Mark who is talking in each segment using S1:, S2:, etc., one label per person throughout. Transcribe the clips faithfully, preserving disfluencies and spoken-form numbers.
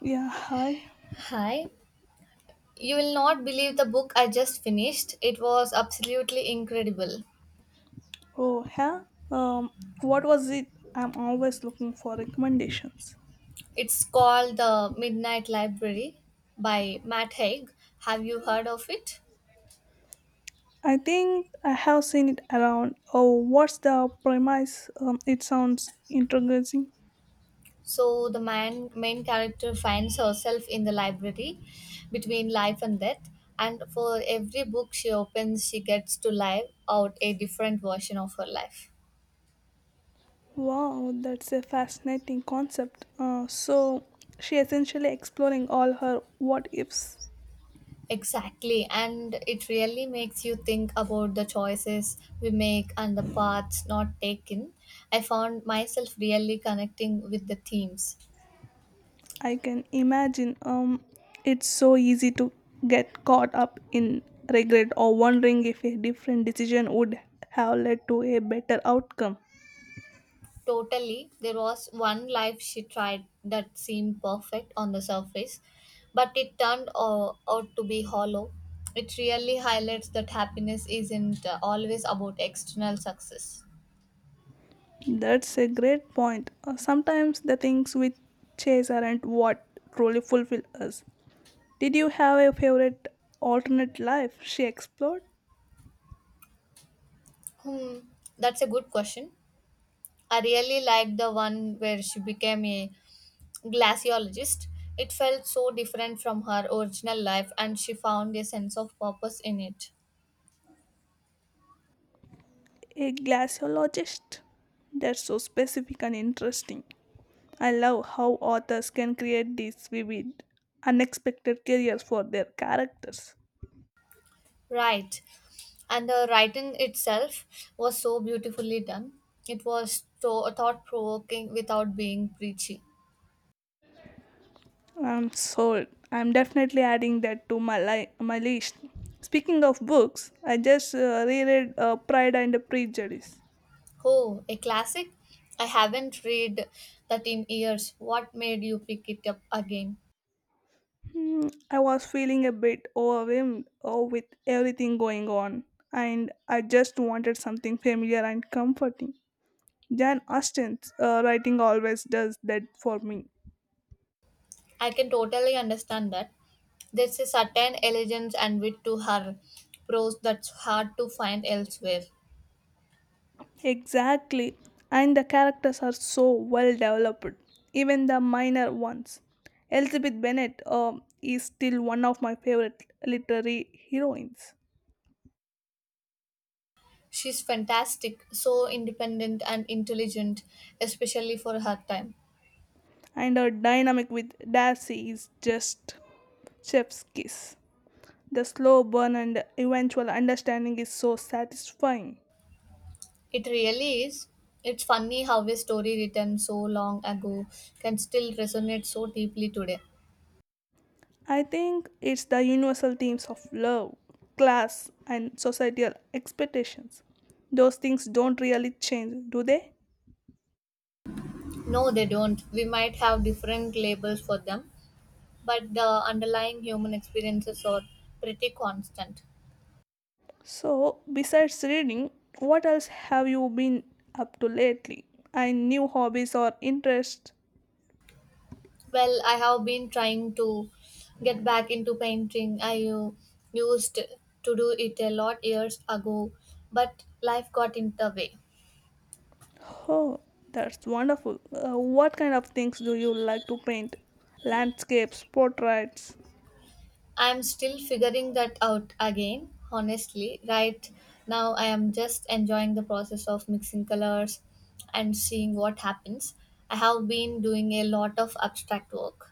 S1: Yeah, hi.
S2: Hi. You will not believe the book I just finished. It was absolutely incredible.
S1: Oh, yeah. Um, what was it? I'm always looking for recommendations.
S2: It's called The Midnight Library by Matt Haig. Have you heard of it?
S1: I think I have seen it around. Oh, what's the premise? Um, it sounds intriguing.
S2: So, the man, main character finds herself in the library between life and death, and for every book she opens, she gets to live out a different version of her life.
S1: Wow, that's a fascinating concept. Uh, so she essentially exploring all her what ifs.
S2: Exactly, and it really makes you think about the choices we make and the paths not taken. I found myself really connecting with the themes.
S1: I can imagine. Um, it's so easy to get caught up in regret or wondering if a different decision would have led to a better outcome.
S2: Totally, there was one life she tried that seemed perfect on the surface, but it turned uh, out to be hollow. It really highlights that happiness isn't uh, always about external success.
S1: That's a great point. Uh, Sometimes the things we chase aren't what truly fulfill us. Did you have a favorite alternate life? She explored.
S2: Hmm, that's a good question. I really liked the one where she became a glaciologist. It felt so different from her original life, and she found a sense of purpose in it.
S1: A glaciologist. That's so specific and interesting. I love how authors can create these vivid, unexpected careers for their characters.
S2: Right. And the writing itself was so beautifully done. It was so thought provoking without being preachy.
S1: I'm sold. I'm definitely adding that to my li- my list. Speaking of books, I just uh, reread uh, Pride and Prejudice.
S2: Oh, a classic? I haven't read that in years. What made you pick it up again?
S1: Hmm, I was feeling a bit overwhelmed oh, with everything going on, and I just wanted something familiar and comforting. Jan Austen's uh, writing always does that for me.
S2: I can totally understand that. There's a certain elegance and wit to her prose that's hard to find elsewhere.
S1: Exactly, and the characters are so well developed, even the minor ones. Elizabeth Bennet um, is still one of my favorite literary heroines,
S2: She's fantastic, so independent and intelligent, especially for her time.
S1: and her dynamic with Darcy is just chef's kiss. The slow burn and eventual understanding is so satisfying.
S2: It really is. It's funny how a story written so long ago can still resonate so deeply today.
S1: I think it's the universal themes of love, class, and societal expectations. Those things don't really change, do they?
S2: No, they don't. We might have different labels for them, but the underlying human experiences are pretty constant.
S1: So, besides reading, what else have you been up to lately? And new hobbies or interests?
S2: Well, I have been trying to get back into painting. I uh, used to do it a lot years ago, but life got in the way.
S1: Oh, that's wonderful. Uh, what kind of things do you like to paint? Landscapes, portraits?
S2: I'm still figuring that out again, honestly. Right now, I am just enjoying the process of mixing colors and seeing what happens. I have been doing a lot of abstract work.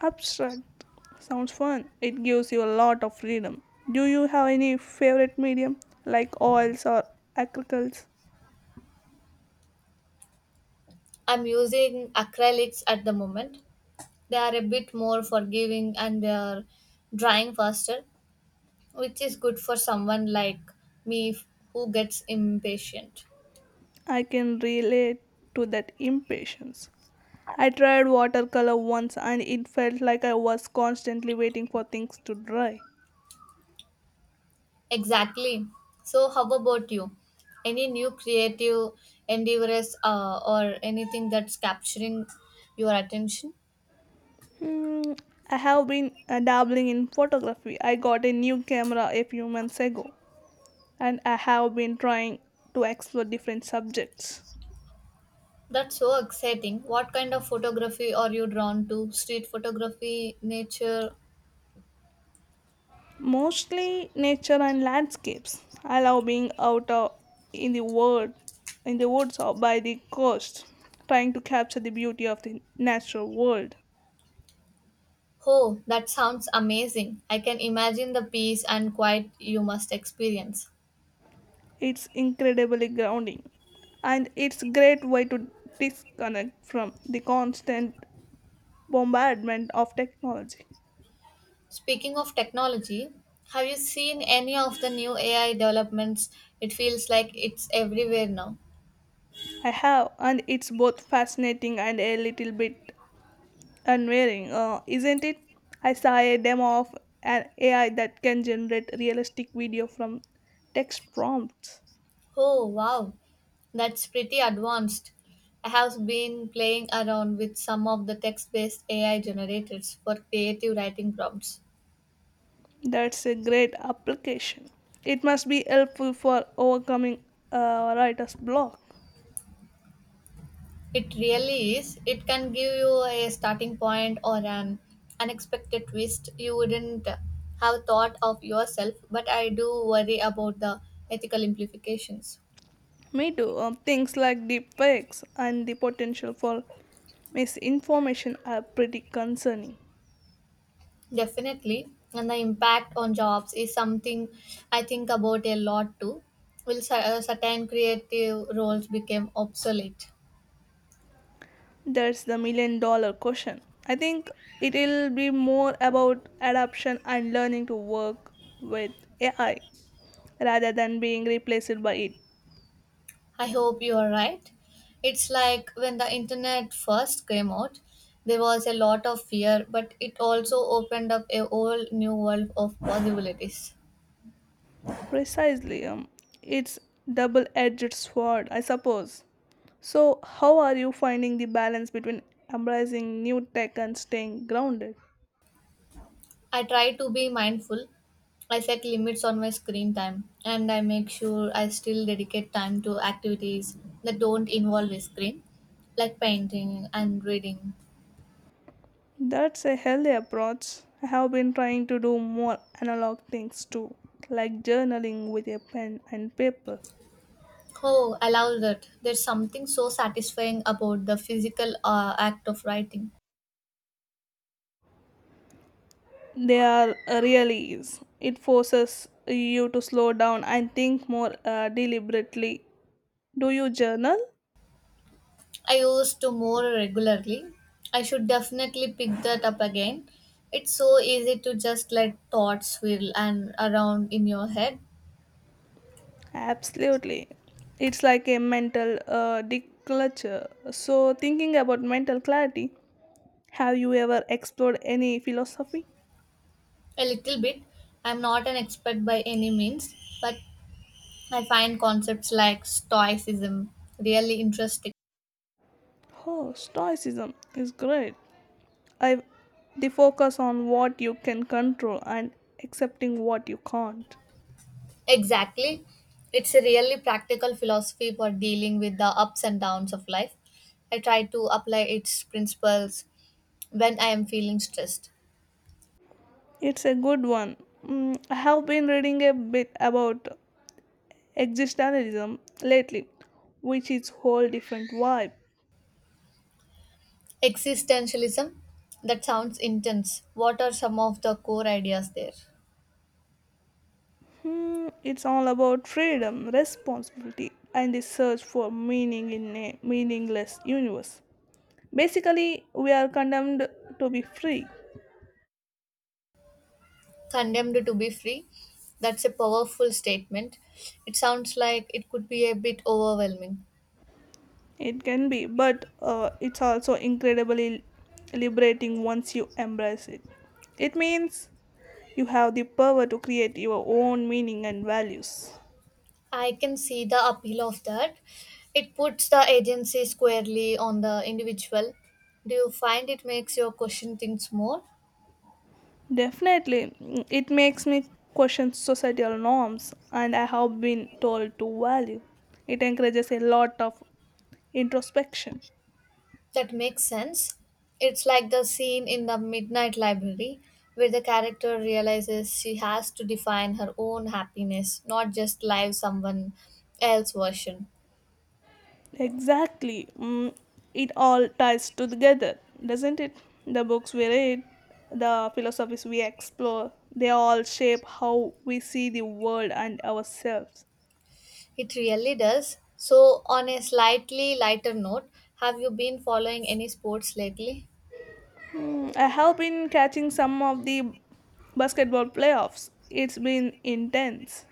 S1: Abstract sounds fun. It gives you a lot of freedom. Do you have any favorite medium like oils or acrylics?
S2: I'm using acrylics at the moment. They are a bit more forgiving and they are drying faster, which is good for someone like me who gets impatient.
S1: I can relate to that impatience. I tried watercolor once and it felt like I was constantly waiting for things to dry.
S2: Exactly. So, how about you? Any new creative endeavors uh, or anything that's capturing your attention?
S1: Hmm, I have been uh, dabbling in photography. I got a new camera a few months ago and I have been trying to explore different subjects.
S2: That's so exciting. What kind of photography are you drawn to? Street photography, nature?
S1: Mostly nature and landscapes. I love being out uh, in the world, in the woods or by the coast, trying to capture the beauty of the natural world.
S2: Oh, that sounds amazing. I can imagine the peace and quiet you must experience.
S1: It's incredibly grounding, and it's a great way to disconnect from the constant bombardment of technology.
S2: Speaking of technology, have you seen any of the new A I developments? It feels like it's everywhere now.
S1: I have, and it's both fascinating and a little bit unwearing, uh, isn't it? I saw a demo of an A I that can generate realistic video from text prompts.
S2: Oh, wow. That's pretty advanced. I have been playing around with some of the text based A I generators for creative writing prompts.
S1: That's a great application. It must be helpful for overcoming uh, writer's block.
S2: It really is. It can give you a starting point or an unexpected twist you wouldn't have thought of yourself, but I do worry about the ethical implications.
S1: Me too. Um, things like deepfakes and the potential for misinformation are pretty concerning.
S2: Definitely. And the impact on jobs is something I think about a lot too. Will cer- uh, certain creative roles become obsolete?
S1: That's the million dollar question. I think it'll be more about adaptation and learning to work with A I rather than being replaced by it.
S2: I hope you are right. It's like when the internet first came out, there was a lot of fear, but it also opened up a whole new world of possibilities.
S1: Precisely, um, it's double edged sword, I suppose. So, how are you finding the balance between embracing new tech and staying grounded?
S2: I try to be mindful. I set limits on my screen time and I make sure I still dedicate time to activities that don't involve a screen, like painting and reading.
S1: That's a healthy approach. I have been trying to do more analog things too, like journaling with a pen and paper.
S2: Oh, I love that. There's something so satisfying about the physical uh, act of writing.
S1: They are really is. It forces you to slow down and think more uh, deliberately. Do you journal?
S2: I used to more regularly. I should definitely pick that up again. It's so easy to just let thoughts swirl and around in your head.
S1: Absolutely. It's like a mental uh, declutter. So, thinking about mental clarity, have you ever explored any philosophy?
S2: A little bit. I'm not an expert by any means, but I find concepts like Stoicism really interesting.
S1: Oh, Stoicism is great. I, the focus on what you can control and accepting what you can't.
S2: Exactly. It's a really practical philosophy for dealing with the ups and downs of life. I try to apply its principles when I am feeling stressed.
S1: It's a good one. Mm, I have been reading a bit about existentialism lately, which is whole different vibe.
S2: Existentialism? That sounds intense. What are some of the core ideas there?
S1: Hmm, it's all about freedom, responsibility, and the search for meaning in a meaningless universe. Basically, we are condemned to be free.
S2: Condemned to be free? That's a powerful statement. It sounds like it could be a bit overwhelming.
S1: It can be, but uh, it's also incredibly liberating once you embrace it. It means you have the power to create your own meaning and values.
S2: I can see the appeal of that. It puts the agency squarely on the individual. Do you find it makes your question things more?
S1: Definitely, mm, it makes me question societal norms and I have been told to value. It encourages a lot of introspection.
S2: That makes sense. It's like the scene in the Midnight Library where the character realizes she has to define her own happiness, not just live someone else's version.
S1: Exactly, mm, it all ties together, doesn't it? The books we read, the philosophies we explore, they all shape how we see the world and ourselves.
S2: It really does. So, on a slightly lighter note, have you been following any sports lately?
S1: Mm, I have been catching some of the basketball playoffs, it's been intense.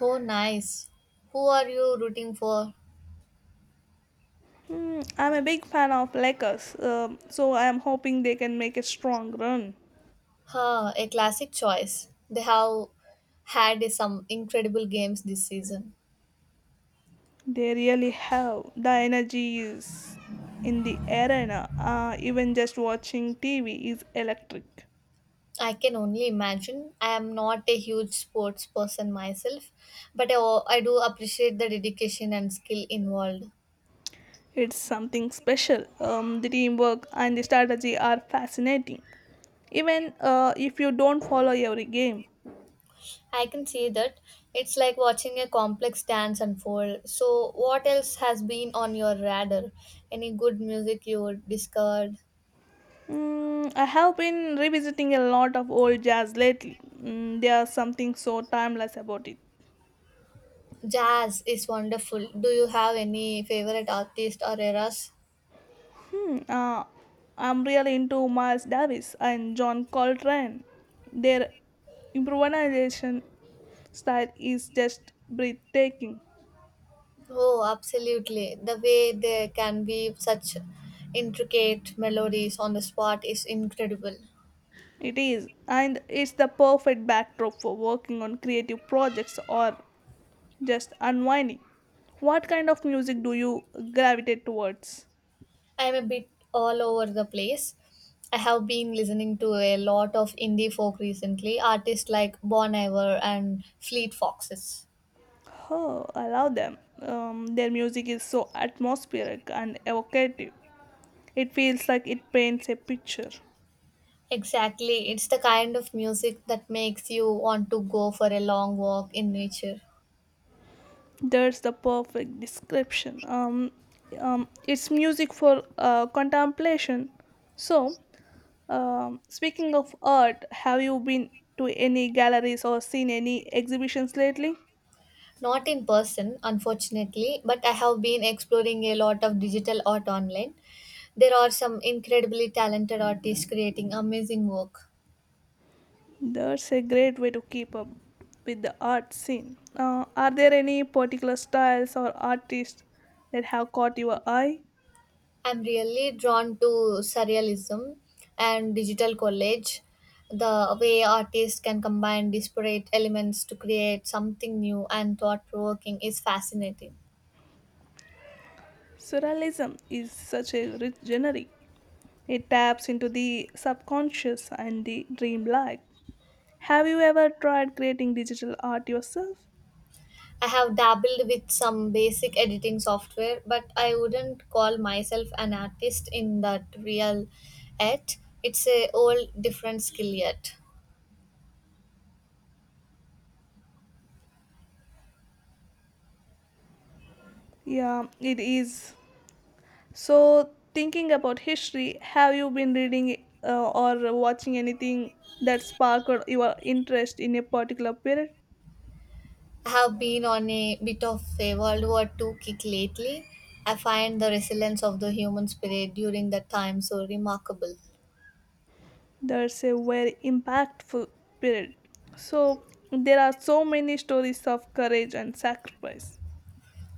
S2: Oh, nice. Who are you rooting for?
S1: Hmm, I'm a big fan of Lakers, um, so I am hoping they can make a strong run.
S2: Huh, a classic choice. They have had some incredible games this season.
S1: They really have the energy is in the arena. Uh, even just watching T V is electric.
S2: I can only imagine. I am not a huge sports person myself, but I, I do appreciate the dedication and skill involved.
S1: It's something special. Um, the teamwork and the strategy are fascinating. Even uh, if you don't follow every game.
S2: I can see that. It's like watching a complex dance unfold. So, what else has been on your radar? Any good music you discovered?
S1: Mm, I have been revisiting a lot of old jazz lately. Mm, there's something so timeless about it.
S2: Jazz is wonderful. Do you have any favorite artist or eras?
S1: Uh, I'm really into Miles Davis and John Coltrane. Their improvisation style is just breathtaking.
S2: Oh, absolutely. The way they can weave such intricate melodies on the spot is incredible.
S1: It is, and it's the perfect backdrop for working on creative projects or just unwinding. What kind of music do you gravitate towards?
S2: I am a bit all over the place. I have been listening to a lot of indie folk recently, artists like Bon Iver and Fleet Foxes.
S1: Oh, I love them. Um, their music is so atmospheric and evocative. It feels like it paints a picture.
S2: Exactly, it's the kind of music that makes you want to go for a long walk in nature.
S1: That's the perfect description. Um, um, it's music for uh, contemplation. So, um, speaking of art, have you been to any galleries or seen any exhibitions lately?
S2: Not in person, unfortunately, but I have been exploring a lot of digital art online. There are some incredibly talented artists creating amazing work.
S1: That's a great way to keep up with the art scene. Uh, are there any particular styles or artists that have caught your eye?
S2: I'm really drawn to surrealism and digital collage, the way artists can combine disparate elements to create something new and thought provoking is fascinating.
S1: Surrealism is such a rich genre. It taps into the subconscious and the dreamlike. Have you ever tried creating digital art yourself?
S2: I have dabbled with some basic editing software, but I wouldn't call myself an artist in that real yet. It's a whole different skill yet.
S1: Yeah, it is. So, thinking about history, have you been reading uh, or watching anything that sparked your interest in a particular period?
S2: I have been on a bit of a World War Two kick lately. I find the resilience of the human spirit during that time so remarkable.
S1: That's a very impactful period. So, there are so many stories of courage and sacrifice.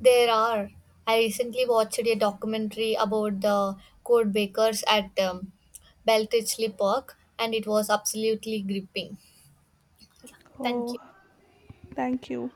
S2: There are. I recently watched a documentary about the code bakers at um, Beltichley Park, and it was absolutely gripping. Thank
S1: Oh,
S2: you.
S1: thank you.